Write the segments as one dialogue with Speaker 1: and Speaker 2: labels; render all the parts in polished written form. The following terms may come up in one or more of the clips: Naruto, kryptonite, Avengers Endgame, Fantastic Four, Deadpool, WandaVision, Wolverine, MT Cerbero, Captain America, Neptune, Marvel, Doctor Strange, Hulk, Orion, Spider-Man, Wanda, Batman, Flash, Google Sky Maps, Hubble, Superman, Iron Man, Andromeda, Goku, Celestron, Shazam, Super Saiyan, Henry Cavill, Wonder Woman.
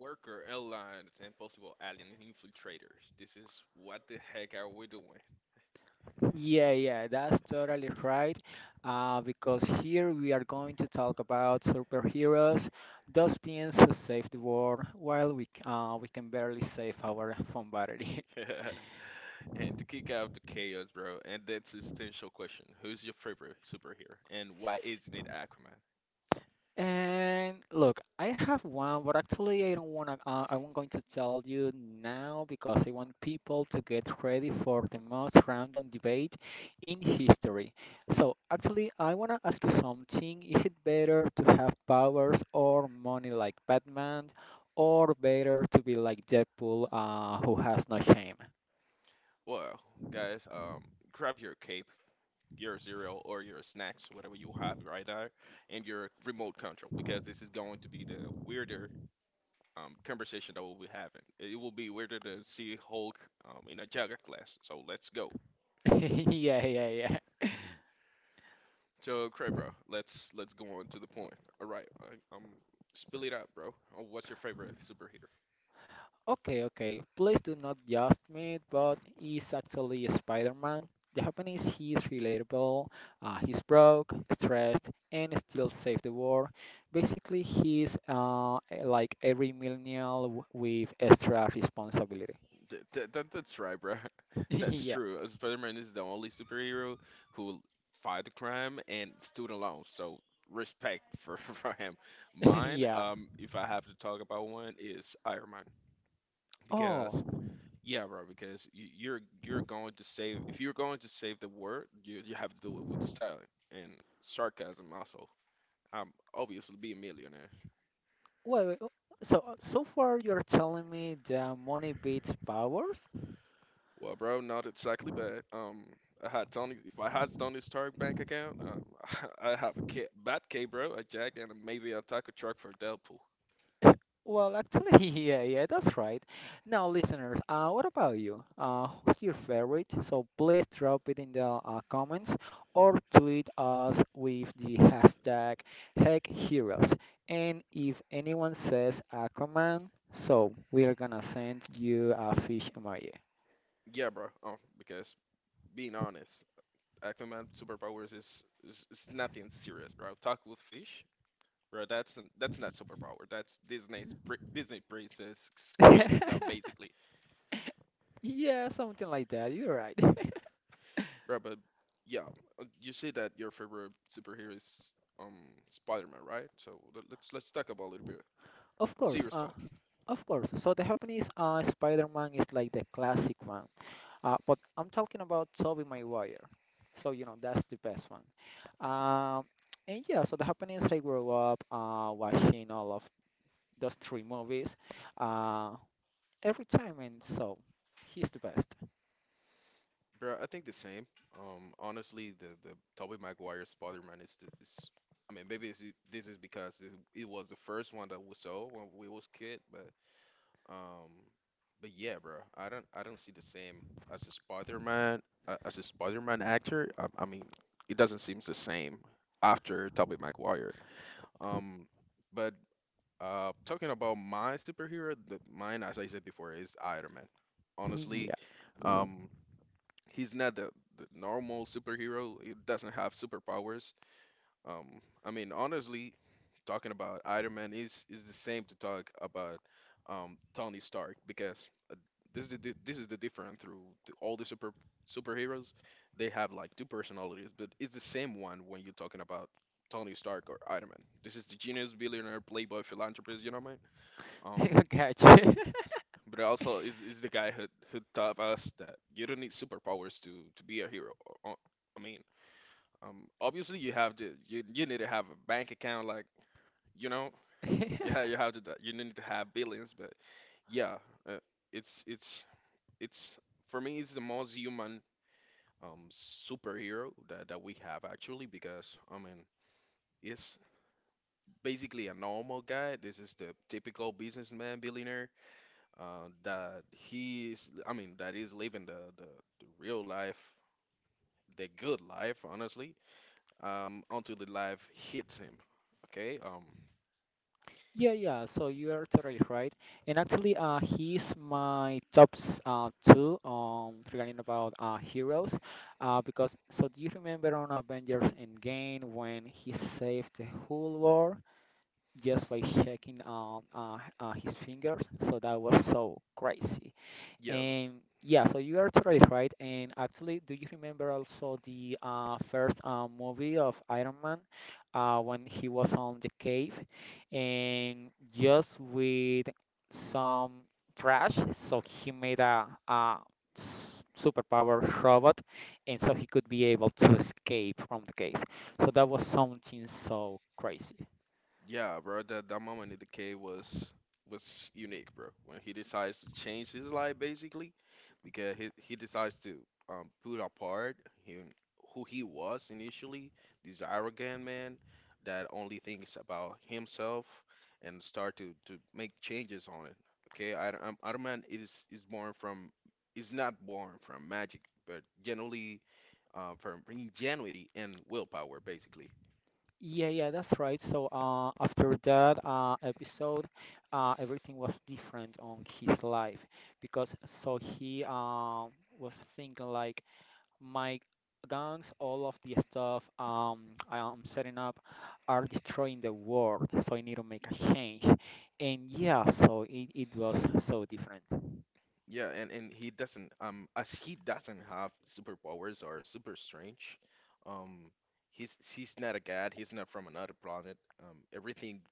Speaker 1: Worker airlines and possible alien infiltrators. This is what the heck are we doing?
Speaker 2: Yeah, yeah, that's totally right. Because here we are going to talk about superheroes, those beings who save the world while we can barely save our phone battery.
Speaker 1: And to kick out the chaos, bro, and that's the essential question. Who's your favorite superhero and why isn't it Aquaman?
Speaker 2: And look, I have one, but actually I don't want to I won't going to tell you now because I want people to get ready for the most random debate in history. So actually I want to ask you something. Is it better to have powers or money like Batman or better to be like Deadpool who has no shame?
Speaker 1: Well, guys, grab your cape, your cereal, or your snacks, whatever you have right there, and your remote control because this is going to be the weirder conversation that we'll be having. It will be weirder to see Hulk in a yoga class. So let's go.
Speaker 2: Yeah, yeah,
Speaker 1: So, Cray, bro, let's go on to the point. All right, I spill it out, bro. What's your favorite superhero?
Speaker 2: okay, okay. Please do not just me, but he's actually a Spider-Man. The happiness he is relatable, he's broke, stressed, and still save the world. Basically, he's like every millennial with extra responsibility.
Speaker 1: That's right, bro. That's
Speaker 2: Yeah,
Speaker 1: true. Spider-Man is the only superhero who fight the crime and stood alone. So respect for for him. Mine,
Speaker 2: yeah.
Speaker 1: if I have to talk about one, is Iron Man
Speaker 2: Oh,
Speaker 1: because yeah, bro, because you're going to save if you're going to save the world, you have to do it with style and sarcasm also. I'm obviously be a millionaire.
Speaker 2: well, so so far you're telling me the money beats powers?
Speaker 1: Well, bro, not exactly, but I had Tony. If I had Tony Stark bank account, I have a Batcave, bro, a Jack, and maybe a taco truck for Deadpool.
Speaker 2: Well, actually, yeah, yeah, that's right. Now, listeners, what about you? Who's your favorite? So please drop it in the comments or tweet us with the hashtag HeckHeroes. And if anyone says a command, so we're gonna send you a fish emoji.
Speaker 1: Yeah, bro. Because being honest, Aquaman superpowers is nothing serious, bro. Talk with fish, bro. That's not superpower. That's Disney's Disney princess skills that basically
Speaker 2: Yeah, something like that. You're right.
Speaker 1: right, but yeah, you say that your favorite superhero is um Spider-Man, right? So let's talk about a little bit
Speaker 2: Of course,
Speaker 1: serious talk.
Speaker 2: of course. So the Japanese Spider-Man is like the classic one. But I'm talking about Toby Maguire. So, you know, that's the best one. Um, and yeah, so the happenings I grew up watching all of those three movies uh, every time. And so he's the best.
Speaker 1: Bro, I think the same. Honestly, the Tobey Maguire Spider-Man is, I mean, maybe this is because it was the first one that we saw when we was kid, um, but yeah, bro, I don't see the same as a Spider-Man as a Spider-Man actor. I mean, it doesn't seem the same after Tobey Maguire. Um, but Talking about my superhero, mine, as I said before, is Iron Man. Honestly,
Speaker 2: Yeah.
Speaker 1: um, he's not the normal superhero. He doesn't have superpowers. I mean, honestly, talking about Iron Man is the same to talk about Tony Stark because this is this is the difference through the, all the superheroes. They have like two personalities, but it's the same one when you're talking about Tony Stark or Iron Man. This is the genius billionaire playboy philanthropist. You know what I mean? Um,
Speaker 2: Gotcha.
Speaker 1: but also is the guy who taught us that you don't need superpowers to be a hero. Uh, I mean, Obviously you need to have a bank account, like you know, you need to have billions. But yeah, uh, it's it's for me it's the most human superhero that that we have actually because I mean it's basically a normal guy. This is the typical businessman billionaire that he is, I mean, that is living the real life, the good life, honestly, until the life hits him. Okay?
Speaker 2: Yeah, yeah. So you are totally right. And actually, he's my top two regarding about heroes, because so do you remember on Avengers Endgame when he saved the whole world just by shaking his fingers? So that was so crazy.
Speaker 1: Yeah.
Speaker 2: And yeah, so you are totally right. And actually, do you remember also the first movie of Iron Man when he was on the cave and just with some trash, so he made a superpower robot and so he could be able to escape from the cave. So that was something so crazy.
Speaker 1: Yeah, bro, that that moment in the cave was unique, bro. When he decides to change his life, basically, because he decides to put apart him who he was initially, this arrogant man that only thinks about himself, and start to make changes on it. Okay, I Iron Man is born from is not born from magic, but generally from ingenuity and willpower, basically.
Speaker 2: Yeah, yeah, that's right. So after that episode, everything was different on his life because so he was thinking like my gangs, all of the stuff I am setting up are destroying the world, so I need to make a change. And yeah, so it was so different.
Speaker 1: Yeah, and he doesn't as he doesn't have superpowers or super strange, um he's not a god, he's not from another planet. Um, everything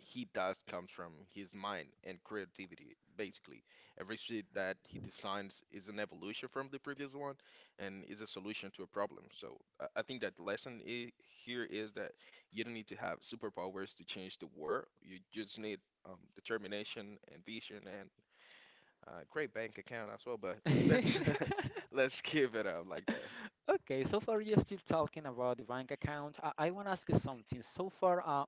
Speaker 1: he does comes from his mind and creativity, basically. Every shit that he designs is an evolution from the previous one and is a solution to a problem. So I think that lesson I here is that you don't need to have superpowers to change the world. You just need determination and vision and uh, great bank account as well, but let's let's give it up like that.
Speaker 2: Okay, so far you're still talking about the bank account. I want to ask you something. So far,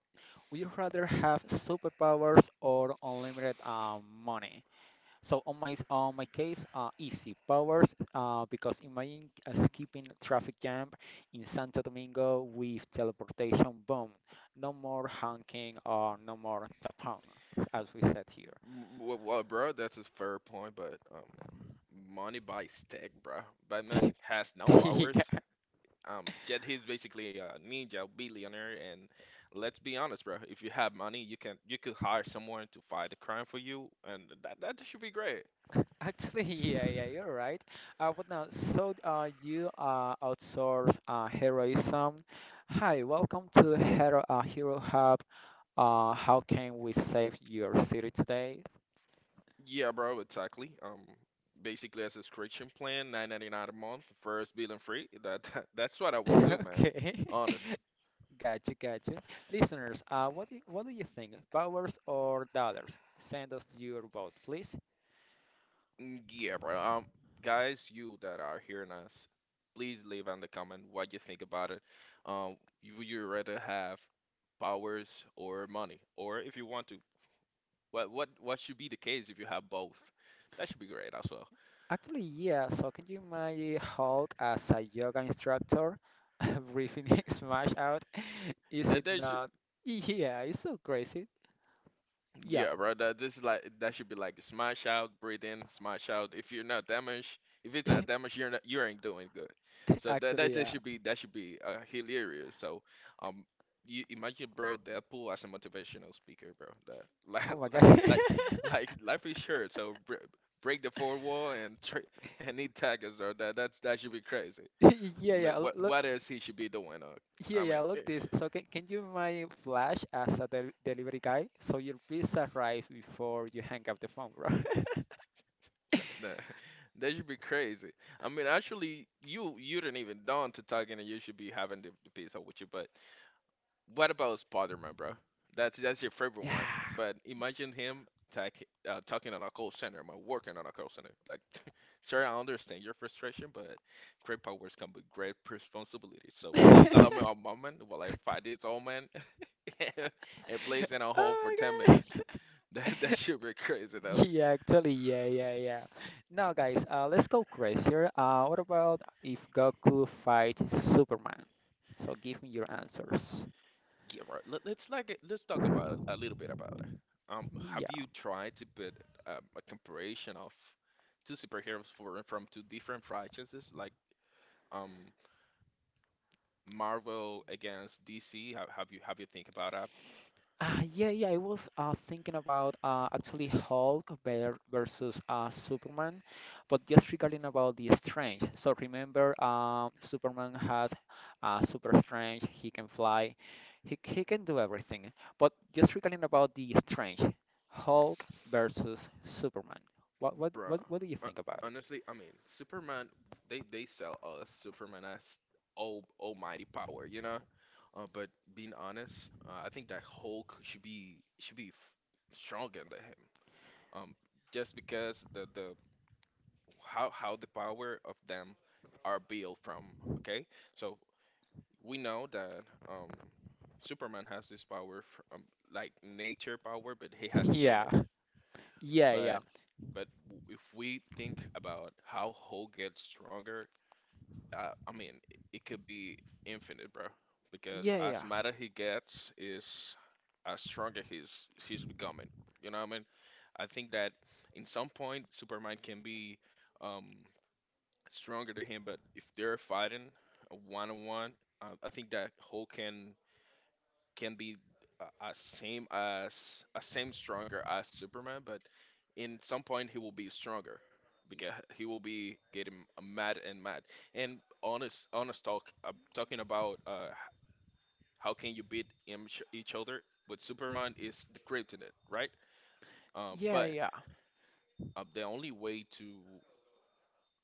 Speaker 2: would you rather have superpowers or unlimited money? So on on my case, easy powers. Because imagine skipping traffic jam in Santo Domingo with teleportation. Boom! No more honking or no more tapón, as we said
Speaker 1: Well, well, bro, that's a fair point, but money buys tech, bro. Batman has no
Speaker 2: here.
Speaker 1: powers. Yet he's basically a ninja billionaire, and let's be honest, bro. If you have money, you could hire someone to fight a crime for you, and that should be great.
Speaker 2: Actually, yeah, yeah, you're right. But now, so you outsource heroism. Hi, welcome to Hero Hub. How can we save your city today?
Speaker 1: Yeah, bro, exactly. Basically a subscription plan, 9.99 a month, first billing free. That that's what I would do, man.
Speaker 2: Okay,
Speaker 1: Honest.
Speaker 2: gotcha, gotcha. Listeners, what do you think? Powers or dollars? Send us your vote, please.
Speaker 1: Mm. Yeah, bro. Guys, you that are hearing us, please leave in the comment what you think about it. Um, would you rather have powers or money, or if you want to, what should be the case if you have both? That should be great as well.
Speaker 2: Actually, yeah. So can you imagine Hulk as a yoga instructor breathing Smash out? Is it
Speaker 1: That that should
Speaker 2: not? Yeah, it's so crazy. Yeah.
Speaker 1: Yeah, bro. That this is like that should be like smash out, breathe in, smash out. If you're not damaged, if it's not damaged, you're not you ain't doing good. So
Speaker 2: Actually,
Speaker 1: that
Speaker 2: yeah.
Speaker 1: should be hilarious. So um, you imagine, bro, Deadpool as a motivational speaker, bro. That
Speaker 2: Oh my God.
Speaker 1: like life is short, so br break the fourth wall and tr and he tag us, bro. That that should be crazy.
Speaker 2: Yeah,
Speaker 1: Mm.
Speaker 2: yeah. Look,
Speaker 1: What else he should be doing?
Speaker 2: yeah,
Speaker 1: I mean.
Speaker 2: yeah. Look this. So can you imagine Flash as a delivery guy? So your pizza arrives before you hang up the phone, bro.
Speaker 1: Nah, that should be crazy. I mean, actually, you didn't even dawn to talking, and you should be having the pizza with you. But what about Spider-Man, bro? That's your favorite one.
Speaker 2: Yeah.
Speaker 1: But imagine him talk, talking on a call center, man, working on a call center. Like, sorry, I understand your frustration, but great powers come with great responsibility. So please allow me a moment while I fight this old man and place in a hole for
Speaker 2: Oh
Speaker 1: ten
Speaker 2: my
Speaker 1: minutes.
Speaker 2: God.
Speaker 1: That that should be crazy.
Speaker 2: Yeah, actually, yeah, yeah, yeah. Now, guys, let's go crazier. What about if Goku fight Superman? So give me your answers.
Speaker 1: Yeah, right. Let's talk about a little bit about it. Um, have you tried to put a comparison of two superheroes from two different franchises, like um Marvel against DC? Have you think about that,
Speaker 2: Yeah, yeah, I was thinking about actually Hulk versus Superman, but just regarding about the strength. So remember, Superman has super strength. He can fly. He can do everything. But just regarding about the strength, Hulk versus Superman. What what
Speaker 1: bro?
Speaker 2: what what do you
Speaker 1: Uh,
Speaker 2: think about it?
Speaker 1: Honestly, I mean, Superman. They sell us Superman as all almighty power, you know. But Being honest, I think that Hulk stronger than him. Um, just because the how the power of them are built from. Okay, so we know that Superman has this power from like nature power, but he has a
Speaker 2: Yeah,
Speaker 1: limit.
Speaker 2: yeah, yeah,
Speaker 1: But if we think about how Hulk gets stronger, I mean, it could be infinite, bro. Because
Speaker 2: yeah, yeah,
Speaker 1: as madder he gets, is as stronger he's becoming. You know what I mean? I think that in some point Superman can be Um, stronger than him, but if they're fighting a one on one, I think that Hulk can be a same as a same stronger as Superman, but in some point he will be stronger because he will be getting mad and mad. And honest talk, talking about how can you beat each other with Superman is the kryptonite, right?
Speaker 2: yeah,
Speaker 1: But
Speaker 2: yeah,
Speaker 1: The only way to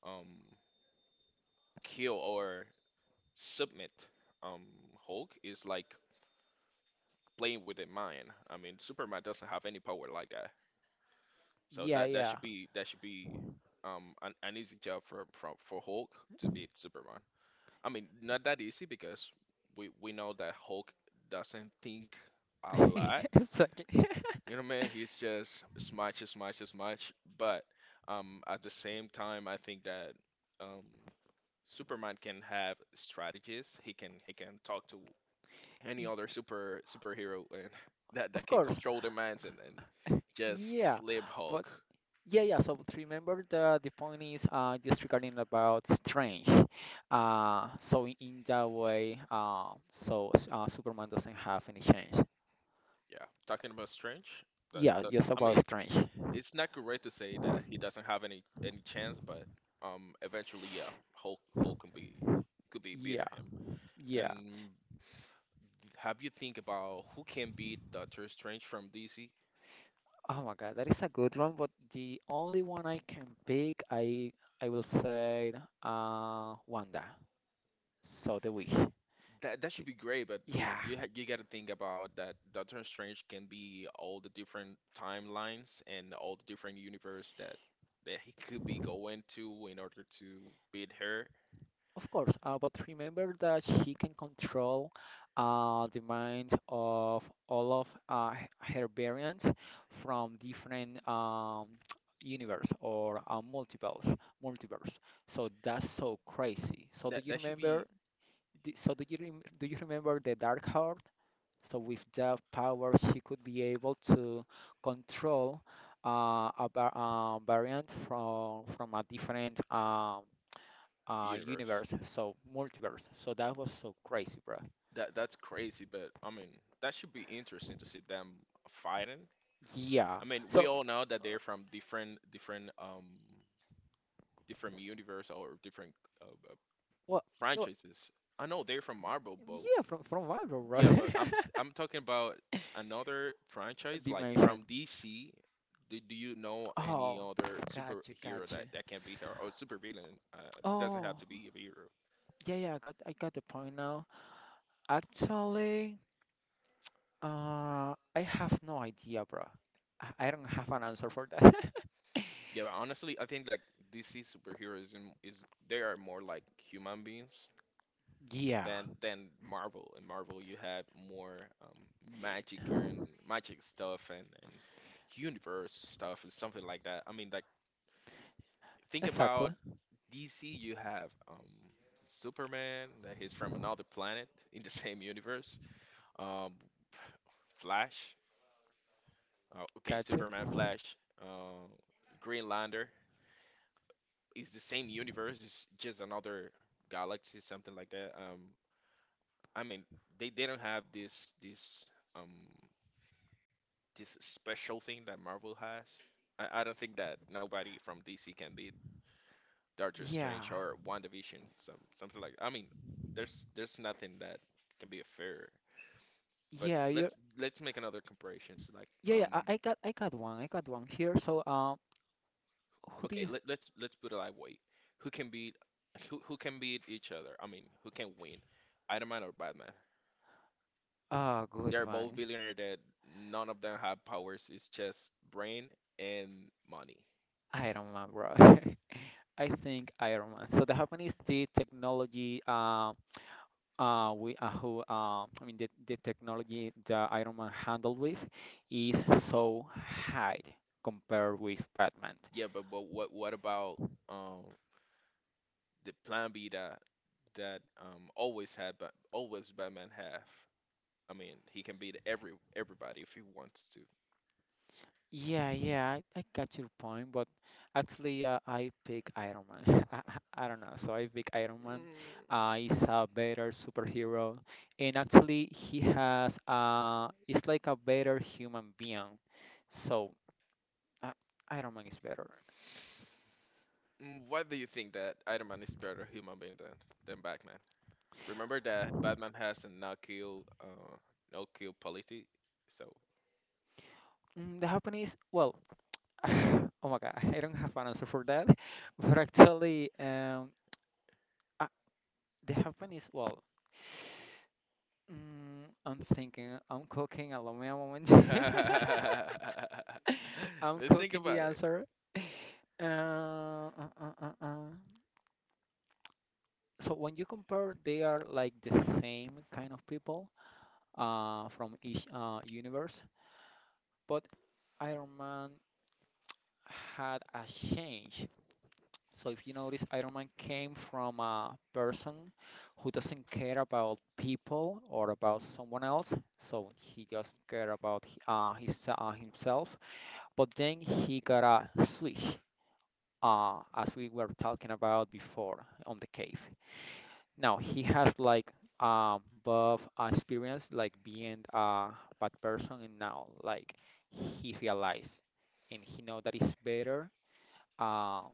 Speaker 1: um, kill or submit um Hulk is like playing with the mind. I mean, Superman doesn't have any power like that. So
Speaker 2: yeah,
Speaker 1: that
Speaker 2: yeah.
Speaker 1: that should be um, an easy job for Hulk to beat Superman. I mean, not that easy because we know that Hulk doesn't think a lot.
Speaker 2: Exactly.
Speaker 1: You know, man, he's just smash, smash, smash. But at the same time, I think that um, Superman can have strategies. He can talk to any
Speaker 2: Y-
Speaker 1: other superhero and that
Speaker 2: Of
Speaker 1: that can
Speaker 2: course.
Speaker 1: control their minds and just
Speaker 2: Yeah,
Speaker 1: slip
Speaker 2: but
Speaker 1: Hulk.
Speaker 2: yeah, yeah. So but remember the point is just regarding about strange. So in that way, so Superman doesn't have any change.
Speaker 1: Yeah, talking about Strange, that
Speaker 2: Yeah,
Speaker 1: that's
Speaker 2: just
Speaker 1: I
Speaker 2: about
Speaker 1: mean
Speaker 2: strange.
Speaker 1: it's not correct to say that he doesn't have any chance, but eventually yeah, Hulk can be could be
Speaker 2: Yeah,
Speaker 1: beating him.
Speaker 2: yeah.
Speaker 1: And have you think about who can beat Doctor Strange from DC?
Speaker 2: Oh my God, that is a good one. But the only one I can pick, I will say Wanda. So the Witch.
Speaker 1: That that should
Speaker 2: The-
Speaker 1: be great, but
Speaker 2: Yeah,
Speaker 1: you got to think about that Doctor Strange can be all the different timelines and all the different universe that that he could be going to in order to beat her.
Speaker 2: of course, but remember that she can control the mind of all of uh, her variants from different universe or uh, multiverse. So that's so crazy. So do
Speaker 1: That
Speaker 2: you
Speaker 1: that should
Speaker 2: remember?
Speaker 1: be
Speaker 2: So do you rem do you remember the Dark Heart? So with that power, she could be able to control variant from a different
Speaker 1: universe.
Speaker 2: universe, so multiverse. So that was so crazy, bro.
Speaker 1: That that's crazy, but I mean that should be interesting to see them fighting.
Speaker 2: Yeah.
Speaker 1: I mean we
Speaker 2: So
Speaker 1: all know that
Speaker 2: uh,
Speaker 1: they're from different different universe or different uh, uh,
Speaker 2: well, well
Speaker 1: franchises. I know they're from Marvel both.
Speaker 2: yeah, from Marvel, bro.
Speaker 1: Yeah, but I'm talking about another franchise like from
Speaker 2: Dimension.
Speaker 1: DC. Do you know any
Speaker 2: Oh,
Speaker 1: other
Speaker 2: gotcha,
Speaker 1: superhero
Speaker 2: gotcha.
Speaker 1: that that can be her or supervillain? Doesn't have
Speaker 2: Oh,
Speaker 1: to be a hero.
Speaker 2: yeah, yeah, I got the point now. Actually, I have no idea, bro. I don't have an answer for that.
Speaker 1: Yeah, but honestly, I think like DC superheroes in- is they are more like human beings
Speaker 2: Yeah,
Speaker 1: than Marvel. In Marvel, you have more magic and magic stuff and universe stuff and something like that. I mean, like think about
Speaker 2: exactly.
Speaker 1: DC, you have Superman, that he's from another planet in the same universe. Um, Flash, okay,
Speaker 2: Gotcha.
Speaker 1: Superman, Flash, uh, Green Lantern. It's the same universe. It's just another galaxy, something like that. I mean, they don't have this um this special thing that Marvel has. I don't think that nobody from DC can be Doctor
Speaker 2: Yeah,
Speaker 1: Strange or WandaVision, some something like. I mean, there's nothing that can be a fair. But
Speaker 2: yeah, you.
Speaker 1: let's make another comparison. So like,
Speaker 2: Yeah, yeah. I got one. I got one here. So, who do
Speaker 1: okay,
Speaker 2: you?
Speaker 1: let's put it that way. Who can beat who can beat each other? I mean, who can win? Iron Man or Batman?
Speaker 2: Ah, good
Speaker 1: They're both
Speaker 2: one.
Speaker 1: billionaire that none of them have powers. It's just brain and money.
Speaker 2: Iron Man, bro. I think Iron Man. So the Japanese the technology we who I mean the technology that Iron Man handled with is so high compared with Batman.
Speaker 1: Yeah, but what about um the plan B that always had but always Batman have? I mean, he can beat everybody if he wants to.
Speaker 2: Yeah, yeah, I got your point, but actually I pick Iron Man. Don't know. So I pick Iron Man.
Speaker 1: Mm,
Speaker 2: He's a better superhero, and actually he has it's like a better human being. So. Uh, Iron Man is better.
Speaker 1: why do you think that Iron Man is better human being than Batman? Remember that Batman has a no kill, no kill policy. So
Speaker 2: Mm, the Japanese, well, oh my God, I don't have an answer for that. But actually, uh, the Japanese, well, mm, I'm thinking, I'm cooking. Allow me a moment. I'm
Speaker 1: let's think
Speaker 2: cooking the
Speaker 1: about
Speaker 2: answer. Uh, uh, uh, uh, uh. So when you compare, they are like the same kind of people from each universe, but Iron Man had a change. So if you notice, Iron Man came from a person who doesn't care about people or about someone else, so he just care about his himself. But then he got a switch, as we were talking about before on the cave. Now he has like both experience like being a bad person and now like he realized and he know that it's better. Um,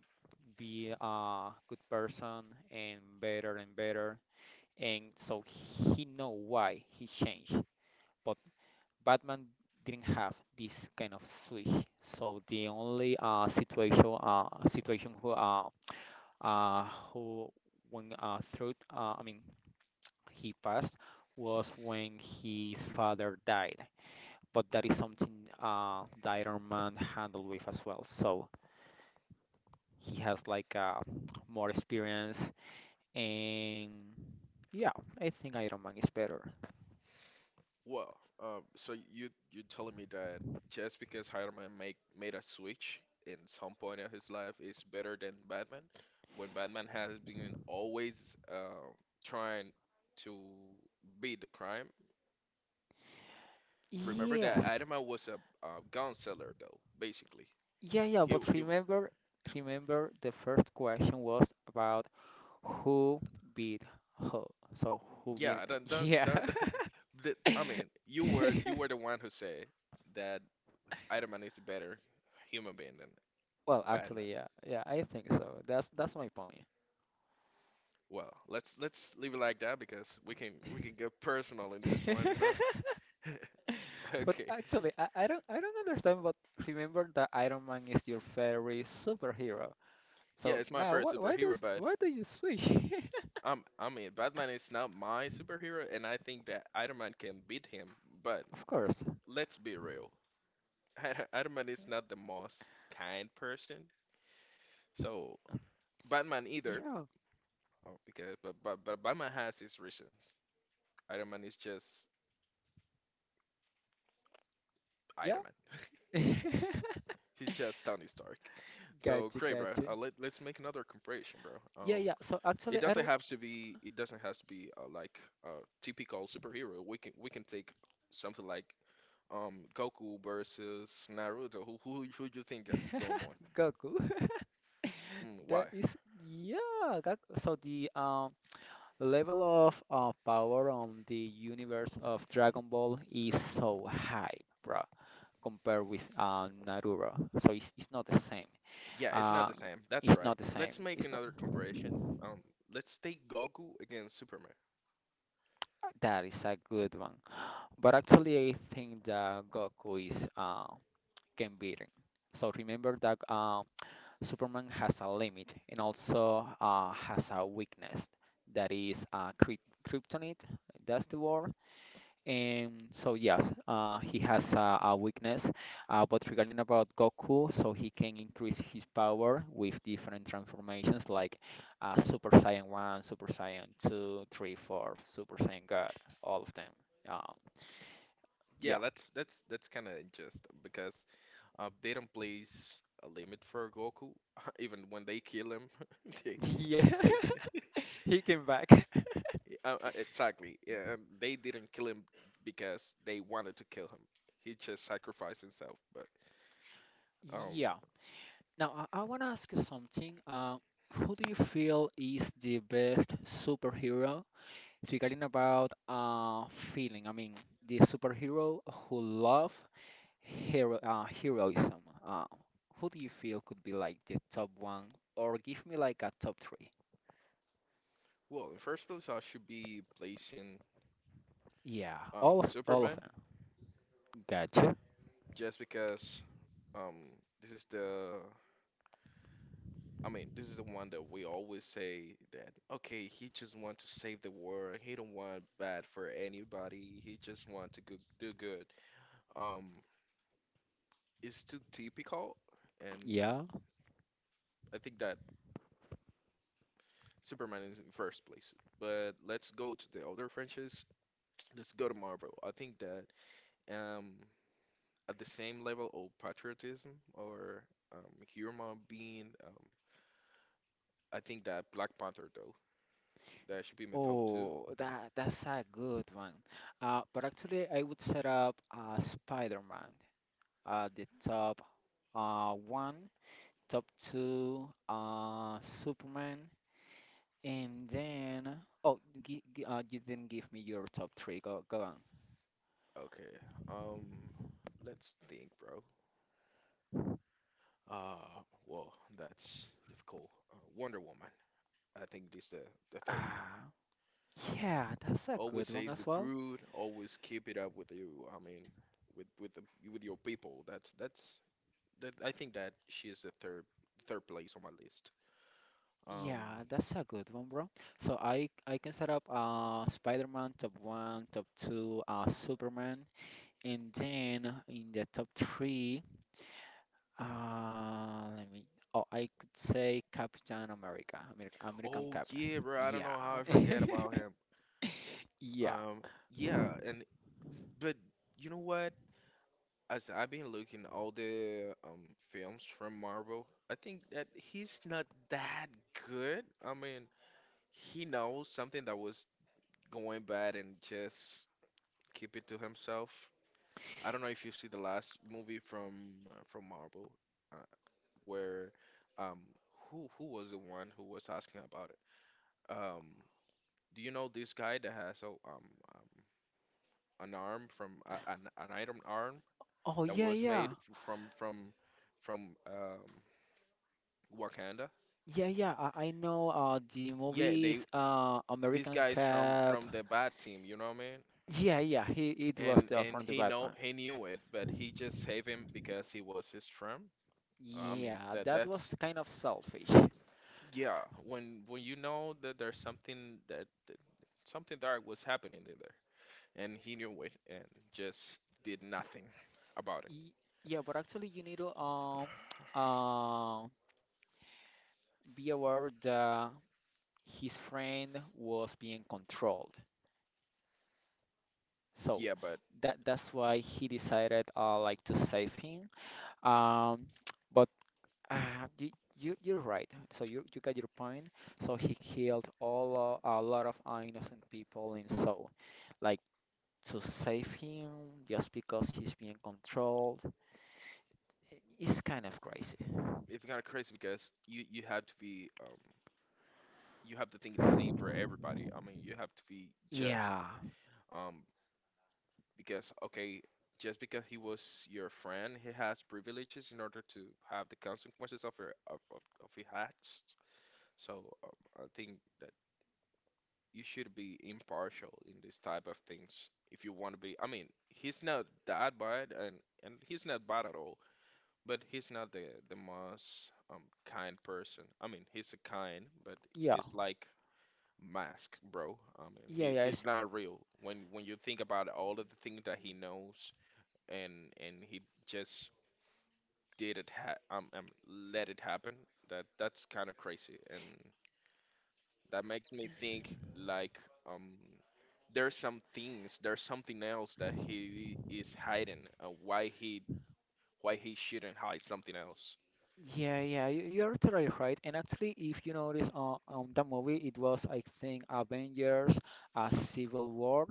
Speaker 2: be a good person and better and better. And so he know why he changed. But Batman didn't have this kind of switch. So the only uh, situation uh, who when through I mean he passed was when his father died. But that is something the Iron Man handled with as well. So he has like more experience and yeah, I think Iron Man is better.
Speaker 1: Well, so you telling me that just because Spider-Man make made a switch in some point of his life is better than Batman, when Batman has been always trying to beat the crime. Remember that
Speaker 2: Yes.
Speaker 1: Adam was a, gun seller, though. Basically,
Speaker 2: Yeah, yeah,
Speaker 1: he
Speaker 2: but
Speaker 1: he.
Speaker 2: remember the first question was about who beat who. So who beat
Speaker 1: Yeah, don't
Speaker 2: yeah.
Speaker 1: don't. I mean, you were the one who said that Iron Man is a better human being than
Speaker 2: Well,
Speaker 1: Batman.
Speaker 2: actually, yeah. Yeah, I think so. That's my point.
Speaker 1: Well, let's leave it like that because we can get personal in this one, you know?
Speaker 2: But
Speaker 1: Okay.
Speaker 2: actually, I don't understand, but remember that Iron Man is your favorite superhero.
Speaker 1: Yeah,
Speaker 2: So
Speaker 1: it's my
Speaker 2: now
Speaker 1: first superhero, but
Speaker 2: why do you switch?
Speaker 1: I mean, Batman is not my superhero, and I think that Iron Man can beat him. But
Speaker 2: Of course.
Speaker 1: let's be real, Iron Man is not the most kind person, so Batman either.
Speaker 2: Yeah.
Speaker 1: Oh, because but Batman has his reasons. Iron Man is just
Speaker 2: yeah.
Speaker 1: Iron Man. He's just Tony Stark. So
Speaker 2: Gotcha,
Speaker 1: great, bro.
Speaker 2: gotcha.
Speaker 1: Let's make another comparison, bro.
Speaker 2: Yeah,
Speaker 1: Um.
Speaker 2: yeah. So
Speaker 1: It
Speaker 2: actually, I
Speaker 1: doesn't
Speaker 2: don't.
Speaker 1: have to be. It doesn't have to be like a typical superhero. We can take something like Goku versus Naruto. Who who do you think got going
Speaker 2: Goku.
Speaker 1: Mm,
Speaker 2: That
Speaker 1: why?
Speaker 2: is, yeah. That, so the level of power on the universe of Dragon Ball is so high, bro, compared with Naruto. So it's not the same.
Speaker 1: Yeah, it's not
Speaker 2: Uh,
Speaker 1: the same. That's
Speaker 2: it's
Speaker 1: right.
Speaker 2: not the same.
Speaker 1: Let's make
Speaker 2: It's not.
Speaker 1: another comparison. Um, let's take Goku against Superman.
Speaker 2: That is a good one. But actually, I think that Goku is can beat him. So remember that Superman has a limit and also has a weakness that is kryptonite. That's the word. And so yes, he has a weakness. But regarding about Goku, so he can increase his power with different transformations like Super Saiyan 1, Super Saiyan Two, 3, 4, Super Saiyan God, all of them. Um, yeah,
Speaker 1: Yeah, that's kind of unjust because they don't place a limit for Goku. Even when they kill him, they,
Speaker 2: yeah,
Speaker 1: they
Speaker 2: he came back.
Speaker 1: Exactly. Yeah, and they didn't kill him because they wanted to kill him. He just sacrificed himself. But um,
Speaker 2: Yeah. Now, I want to ask you something. Who do you feel is the best superhero? Regarding about feeling, I mean, the superhero who love heroism. Who do you feel could be like the top one, or give me like a top three?
Speaker 1: well, in first place, I should be placing
Speaker 2: Yeah, all of
Speaker 1: Superman
Speaker 2: them. Gotcha.
Speaker 1: just because um this is the I mean this is the one that we always say that okay he just want to save the world he don't want bad for anybody he just want to go, do good um it's too typical and
Speaker 2: Yeah.
Speaker 1: I think that Superman is in first place. But let's go to the other franchise. Let's go to Marvel. I think that um, at the same level of patriotism or human being, I think that Black Panther though that should be in the top two.
Speaker 2: Oh, that that's a good one. But actually, I would set up Spider-Man at the top one, top two Superman, and then oh, you didn't give me your top three. Go go on.
Speaker 1: Okay. Um, let's think, bro. Well, that's difficult. Wonder Woman. I think this the third one.
Speaker 2: Ah, yeah, that's a
Speaker 1: Always
Speaker 2: good one
Speaker 1: says the
Speaker 2: as well.
Speaker 1: truth. Always keep it up with you. I mean, with with your people. That I think that she is the third place on my list. Um,
Speaker 2: Yeah, that's a good one, bro. So I can set up Spider-Man top one, top two, Superman, and then in the top three, let me. Oh, I could say Captain America, American
Speaker 1: oh
Speaker 2: Cap.
Speaker 1: yeah, bro. I don't
Speaker 2: Yeah.
Speaker 1: know how I forget about him.
Speaker 2: Yeah.
Speaker 1: Um, yeah, and but you know what? As I've been looking all the films from Marvel, I think that he's not that good. I mean, he knows something that was going bad and just keep it to himself. I don't know if you see the last movie from Marvel. Where um who was the one who was asking about it? Um, do you know this guy that has a, an arm from an item arm
Speaker 2: Oh,
Speaker 1: that
Speaker 2: yeah,
Speaker 1: was made
Speaker 2: yeah.
Speaker 1: from from Wakanda?
Speaker 2: Yeah, yeah, I know the
Speaker 1: Yeah, they
Speaker 2: movies
Speaker 1: these
Speaker 2: American
Speaker 1: guys from
Speaker 2: Cop.
Speaker 1: the bad team, you know what I mean?
Speaker 2: Yeah, yeah, he it was
Speaker 1: And
Speaker 2: the from the
Speaker 1: he know
Speaker 2: Batman.
Speaker 1: he knew it, but he just saved him because he was his friend. I mean
Speaker 2: Yeah, that
Speaker 1: that's
Speaker 2: was kind of selfish.
Speaker 1: yeah. When you know that there's something that something dark was happening in there, and he knew it and just did nothing about it.
Speaker 2: Y- Yeah, but actually you need to uh, be aware that his friend was being controlled. So
Speaker 1: Yeah, but
Speaker 2: that's why he decided like to save him. Um, Uh, you, you're right. So you got your point. So he killed all a lot of innocent people in Seoul, like to save him just because he's being controlled. It's kind of crazy.
Speaker 1: it's kind of crazy because you have to be you have to think the same for everybody. I mean, you have to be just
Speaker 2: Yeah,
Speaker 1: um because okay, just because he was your friend, he has privileges in order to have the consequences of your of his acts. So I think that you should be impartial in this type of things if you want to be. I mean, he's not that bad and he's not bad at all. But he's not the most kind person. I mean, he's a kind, but
Speaker 2: yeah,
Speaker 1: it's like mask, bro. I mean,
Speaker 2: yeah, yeah.
Speaker 1: he's
Speaker 2: It's
Speaker 1: not real. When you think about all of the things that he knows and he just did it ha let it happen, that's kind of crazy. And that makes me think like um there's some things, there's something else that he is hiding, why he shouldn't hide something else.
Speaker 2: Yeah, yeah, you're totally right. And actually, if you notice on that movie, it was, I think, Avengers, Civil War.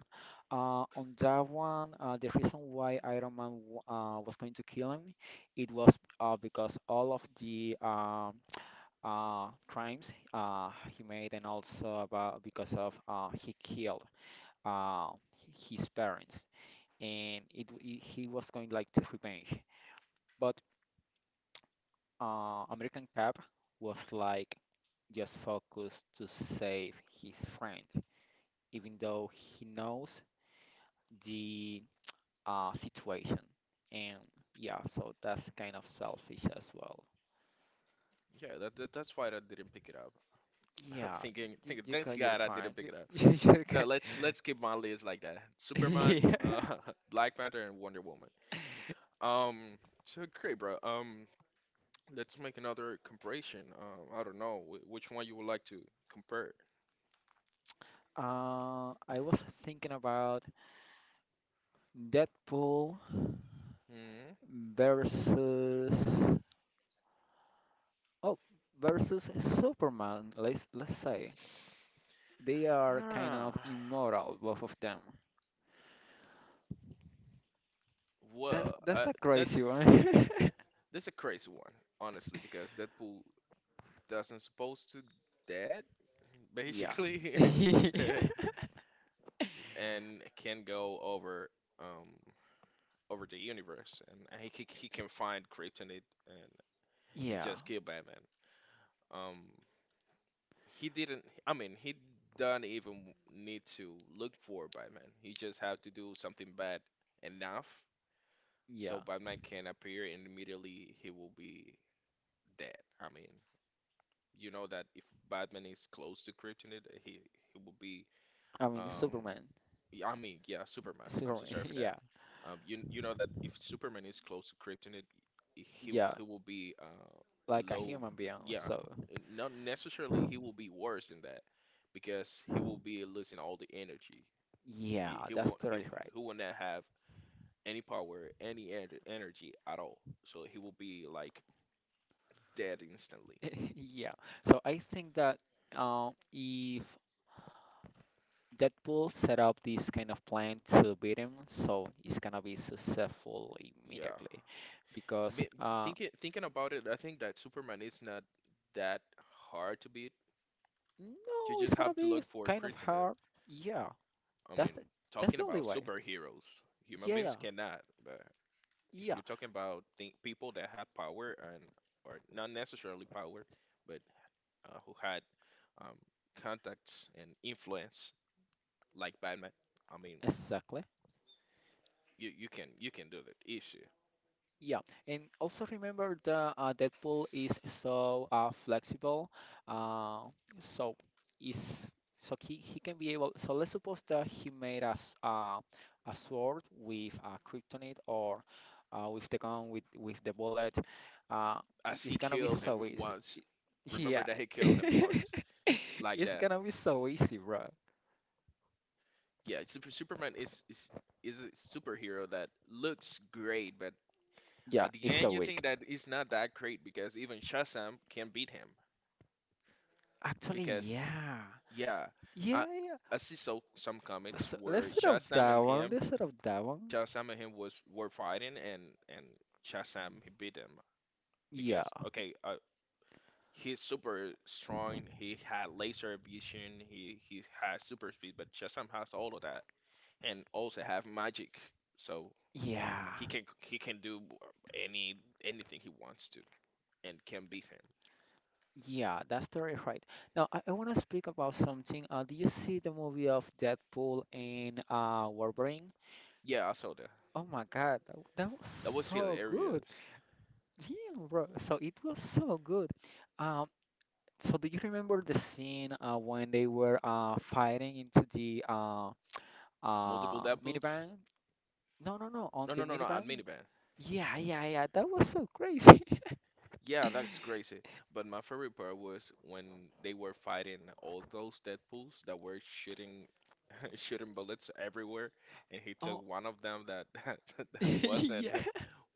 Speaker 2: On that one, the reason why Iron Man was going to kill him, it was because all of the crimes he made, and also about because of he killed uh, his parents, and it he was going like to revenge. But American Cap was just focused to save his friend, even though he knows the situation. And yeah, so that's kind of selfish as well.
Speaker 1: Yeah, that that's why I didn't pick it up. I'm
Speaker 2: Yeah,
Speaker 1: thinking,
Speaker 2: you
Speaker 1: thanks
Speaker 2: got your
Speaker 1: God I
Speaker 2: point.
Speaker 1: didn't pick
Speaker 2: You,
Speaker 1: it up. So let's keep my list like that. Superman,
Speaker 2: yeah.
Speaker 1: Black Panther, and Wonder Woman. Um, so great, bro. Let's make another comparison. I don't know which one you would like to compare.
Speaker 2: I was thinking about Deadpool
Speaker 1: Hmm.
Speaker 2: versus oh versus Superman. Let's say they are kind of
Speaker 1: Huh.
Speaker 2: immortal, both of them. That's
Speaker 1: Well,
Speaker 2: that's a crazy one.
Speaker 1: that's a crazy one, honestly, because Deadpool doesn't supposed to dead,
Speaker 2: Yeah.
Speaker 1: basically, and can go over um over the universe, and he can find kryptonite and
Speaker 2: Yeah.
Speaker 1: just kill Batman. Um, he didn't. I mean, he doesn't even need to look for Batman. He just have to do something bad enough so
Speaker 2: Yeah.
Speaker 1: Batman can appear, and immediately he will be dead. I mean, you know that if Batman is close to kryptonite, he will be
Speaker 2: I mean,
Speaker 1: um
Speaker 2: Superman.
Speaker 1: Yeah, I mean, yeah, Superman. I'm so
Speaker 2: Superman.
Speaker 1: sorry for that.
Speaker 2: Yeah.
Speaker 1: You know that if Superman is close to kryptonite,
Speaker 2: Yeah.
Speaker 1: he will be
Speaker 2: Like a
Speaker 1: low.
Speaker 2: human being.
Speaker 1: Yeah,
Speaker 2: So,
Speaker 1: and not necessarily he will be worse than that because he will be losing all the energy. He
Speaker 2: yeah,
Speaker 1: he
Speaker 2: that's
Speaker 1: will he
Speaker 2: totally right.
Speaker 1: he will not have any power, any energy at all. So he will be like dead instantly.
Speaker 2: Yeah. So I think that if Deadpool set up this kind of plan to beat him, so it's gonna be successful
Speaker 1: Yeah.
Speaker 2: immediately, because
Speaker 1: Me- Thinking about it, I think that Superman is not that hard to beat. You
Speaker 2: no, it's
Speaker 1: just
Speaker 2: gonna
Speaker 1: have to
Speaker 2: be
Speaker 1: look for
Speaker 2: kind of
Speaker 1: kryptonite.
Speaker 2: hard. Yeah,
Speaker 1: I mean,
Speaker 2: that's the that's
Speaker 1: talking
Speaker 2: the only
Speaker 1: about
Speaker 2: way.
Speaker 1: superheroes, human
Speaker 2: Yeah,
Speaker 1: beings
Speaker 2: yeah,
Speaker 1: cannot. But if
Speaker 2: yeah.
Speaker 1: you're talking about people that had power and or not necessarily power, but who had um, contacts and influence like Batman, I mean,
Speaker 2: Exactly.
Speaker 1: you can do that issue.
Speaker 2: Yeah, and also remember the Deadpool is so flexible, uh, so is so he can be able. So let's suppose that he made us a sword with kryptonite or with the gun with the bullet. Uh,
Speaker 1: As
Speaker 2: it's
Speaker 1: he
Speaker 2: gonna be
Speaker 1: killed him
Speaker 2: so easy.
Speaker 1: once,
Speaker 2: Yeah,
Speaker 1: remember that he killed him once like
Speaker 2: it's
Speaker 1: that.
Speaker 2: gonna be so easy, bro.
Speaker 1: Yeah, Superman is a superhero that looks great, but
Speaker 2: Yeah,
Speaker 1: at the
Speaker 2: it's
Speaker 1: end
Speaker 2: so
Speaker 1: you
Speaker 2: weak.
Speaker 1: think that it's not that great because even Shazam can beat him.
Speaker 2: Actually,
Speaker 1: Because
Speaker 2: yeah,
Speaker 1: yeah,
Speaker 2: yeah,
Speaker 1: I
Speaker 2: yeah.
Speaker 1: I see so some comments where
Speaker 2: Let's set up that one.
Speaker 1: Shazam and him was were fighting and and Shazam he beat him
Speaker 2: Yeah,
Speaker 1: because okay, he's super strong. He had laser vision. He has super speed, but Shazam has all of that and also have magic, so
Speaker 2: yeah,
Speaker 1: he can do any anything he wants to and can beat him.
Speaker 2: yeah, that's totally right. Now, I want to speak about something. Do you see the movie of Deadpool and Wolverine?
Speaker 1: Yeah, I saw that.
Speaker 2: Oh my God, that was
Speaker 1: That was
Speaker 2: so good.
Speaker 1: hilarious.
Speaker 2: Damn, bro. So it was so good. Um, so do you remember the scene when they were fighting into the
Speaker 1: Multiple doubles?
Speaker 2: minivan? No, no, no, on
Speaker 1: No,
Speaker 2: the
Speaker 1: no, no, no. A
Speaker 2: minivan?
Speaker 1: minivan.
Speaker 2: Yeah, yeah, yeah, that was so crazy.
Speaker 1: Yeah, that's crazy. But my favorite part was when they were fighting all those Deadpools that were shooting shooting bullets everywhere, and he took
Speaker 2: Oh,
Speaker 1: one of them that that
Speaker 2: yeah.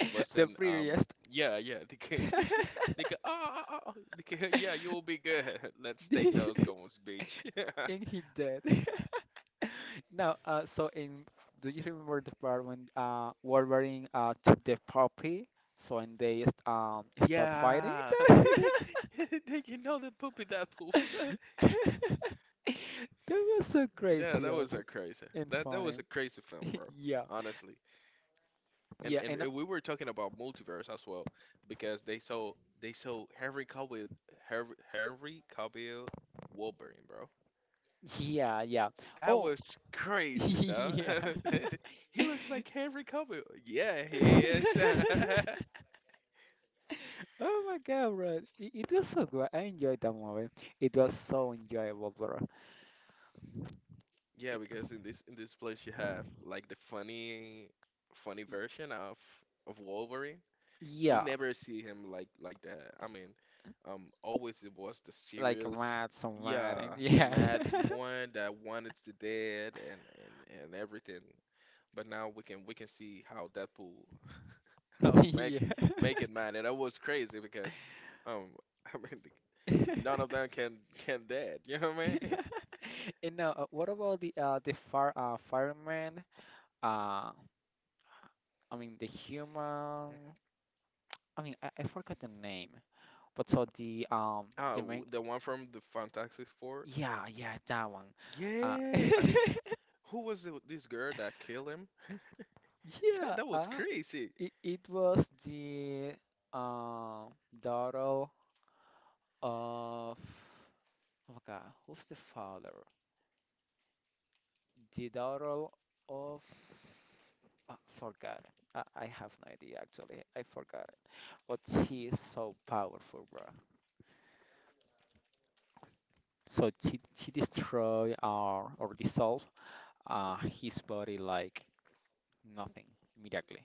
Speaker 2: The
Speaker 1: wasn't
Speaker 2: previous
Speaker 1: yeah yeah they can, oh, they can, yeah you'll be good. Let's take
Speaker 2: The-
Speaker 1: those guns, bitch.
Speaker 2: And he did. Now, so in do you remember the part when Wolverine took the puppy, so and they just stopped fighting?
Speaker 1: Yeah, they can know the poopy Deadpool.
Speaker 2: That was so
Speaker 1: Yeah,
Speaker 2: crazy
Speaker 1: that was
Speaker 2: also
Speaker 1: a crazy
Speaker 2: and
Speaker 1: that that
Speaker 2: funny.
Speaker 1: was a crazy film, bro.
Speaker 2: Yeah,
Speaker 1: Honestly. and
Speaker 2: yeah,
Speaker 1: and
Speaker 2: and
Speaker 1: we were talking about multiverse as well because they saw Henry Cavill Wolverine, bro.
Speaker 2: yeah, yeah.
Speaker 1: That
Speaker 2: Oh,
Speaker 1: was crazy, though.
Speaker 2: yeah.
Speaker 1: He looks like Henry Cavill. Yeah, he is.
Speaker 2: Oh my god, bro. It was so good. I enjoyed that movie. It was so enjoyable, bro.
Speaker 1: Yeah,
Speaker 2: Y-
Speaker 1: because in this place you have like the funny
Speaker 2: y-
Speaker 1: version of Wolverine. We
Speaker 2: Yeah,
Speaker 1: never see him like that. I mean, always it was the
Speaker 2: like
Speaker 1: serious,
Speaker 2: mad, so mad, and
Speaker 1: yeah, the
Speaker 2: yeah.
Speaker 1: mad one that wanted to dead and everything. But now we can see how Deadpool how make
Speaker 2: Yeah.
Speaker 1: make it mad, and that was crazy because um, I mean, none of them can dead. You know what I mean?
Speaker 2: And now, what about the fire fireman? Uh, I mean the human. I mean I forgot the name, but so the main.
Speaker 1: The one from the Fantastic Four.
Speaker 2: Yeah, yeah, that one. Uh,
Speaker 1: Yeah, I think, who was the, this girl that killed him? That,
Speaker 2: yeah.
Speaker 1: that was
Speaker 2: Ah.
Speaker 1: crazy.
Speaker 2: It was the uh, daughter of my God, who's the father? The daughter of I forgot it. I have no idea actually. I forgot it. But she is so powerful, bro. So she destroy or dissolve his body like nothing immediately.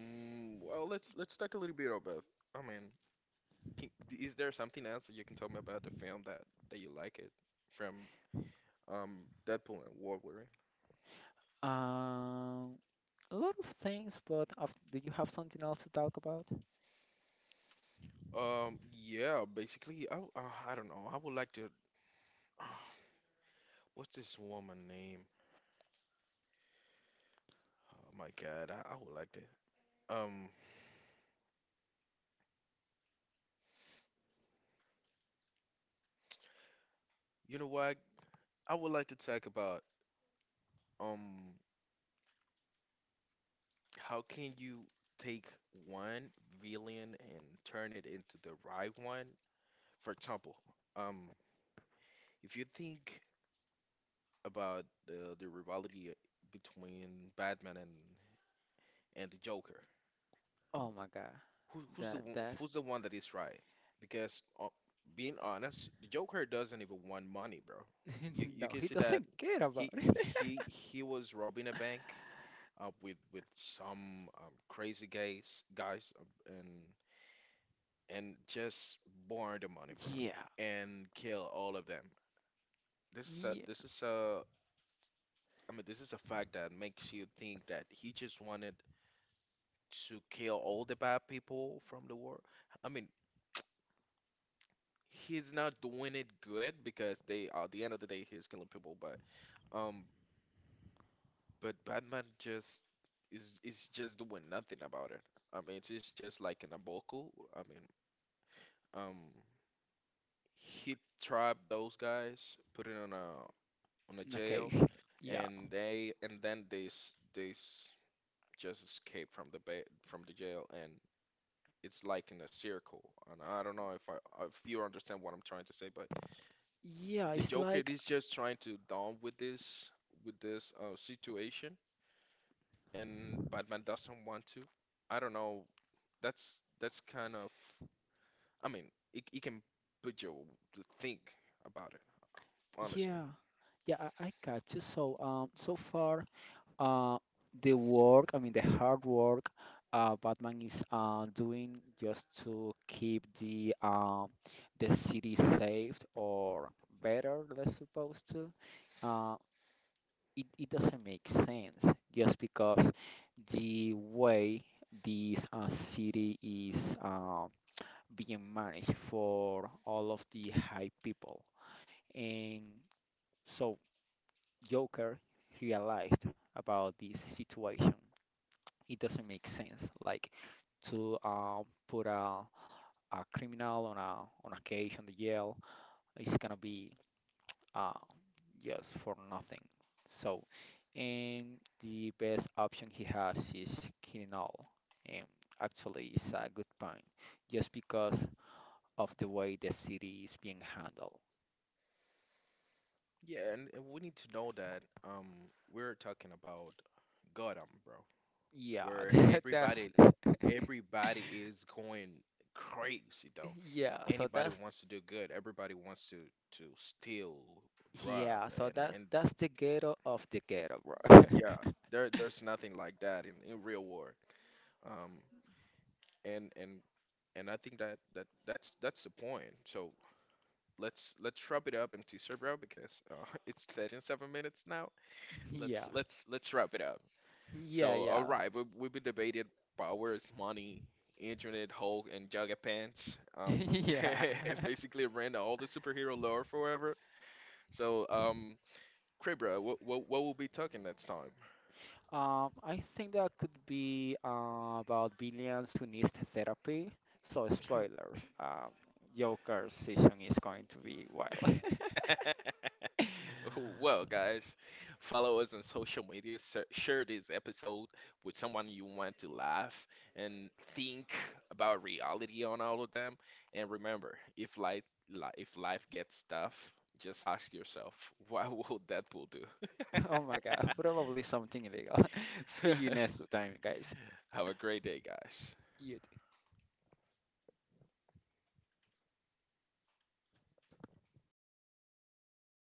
Speaker 1: Mm, well, let's talk a little bit about. I mean, can, is there something else that you can tell me about the film that that you like it from Deadpool and Wolverine?
Speaker 2: Um, a lot of things, but af do you have something else to talk about?
Speaker 1: Yeah, basically, I don't know. I would like to. What's this woman name? Oh my God, I would like to. Um, you know what? I would like to talk about um how can you take one villain and turn it into the right one? For example, um, if you think about the rivalry between Batman and the Joker.
Speaker 2: Oh my God, that's
Speaker 1: Who's the one that is right? Because being honest, the Joker doesn't even want money, bro. You you
Speaker 2: No,
Speaker 1: can
Speaker 2: he
Speaker 1: see that
Speaker 2: doesn't care about
Speaker 1: he
Speaker 2: it.
Speaker 1: he he was robbing a bank with some crazy guys and just borrow the money, bro,
Speaker 2: Yeah,
Speaker 1: and kill all of them.
Speaker 2: yeah,
Speaker 1: This is a, I mean, this is a fact that makes you think that he just wanted to kill all the bad people from the world. I mean, he's not doing it good because they at the end of the day he's killing people, um, but Batman just is just doing nothing about it. I mean, it's just like in Aboku. I mean, um, he trapped those guys, put it on a
Speaker 2: okay,
Speaker 1: jail,
Speaker 2: yeah,
Speaker 1: and they and then they s- just escape from the ba from the jail, and it's like in a circle. And I don't know if I if you understand what I'm trying to say, but
Speaker 2: yeah.
Speaker 1: the
Speaker 2: It's
Speaker 1: Joker
Speaker 2: like,
Speaker 1: is just trying to down with this situation, and Batman doesn't want to. I don't know. That's kind of, I mean, it can put you to think about it, honestly.
Speaker 2: yeah, yeah. I got you. So, so far, uh, the work, I mean, the hard work, Batman is doing just to keep the city saved or better, let's suppose to. uh, it doesn't make sense just because the way this city is being managed for all of the high people. And so Joker realized about this situation. It doesn't make sense, like to put a criminal on a cage on the jail. It's gonna be uh, just for nothing. So, and the best option he has is killing all. And actually, it's a good point, just because of the way the city is being handled.
Speaker 1: Yeah, and we need to know that we're talking about Gotham, bro.
Speaker 2: Yeah,
Speaker 1: Where
Speaker 2: that's
Speaker 1: everybody everybody is going crazy though.
Speaker 2: yeah. So
Speaker 1: Anybody
Speaker 2: that's
Speaker 1: wants to do good. Everybody wants to steal, rob,
Speaker 2: yeah. So
Speaker 1: and
Speaker 2: that's the ghetto of the ghetto, bro.
Speaker 1: yeah, there there's nothing like that in real war. Um, and and I think that that's that's the point. So let's wrap it up, MT Cerbero, because it's 37 minutes now. Let's
Speaker 2: Yeah,
Speaker 1: let's let's wrap it up.
Speaker 2: yeah,
Speaker 1: So, all
Speaker 2: yeah,
Speaker 1: right, we be debated powers, money, internet, Hulk, and Jugga Pants.
Speaker 2: yeah.
Speaker 1: Basically ran all the superhero lore forever. So, Kribra, what we'll be talking next time?
Speaker 2: I think that could be about billions who needs therapy. So spoiler, Joker's season is going to be wild.
Speaker 1: Well, guys, follow us on social media. Share this episode with someone you want to laugh and think about reality on all of them. And remember, if life li- if life gets tough, just ask yourself, what will Deadpool do?
Speaker 2: Oh my god, probably something illegal. See you next time, guys.
Speaker 1: Have a great day, guys.
Speaker 2: You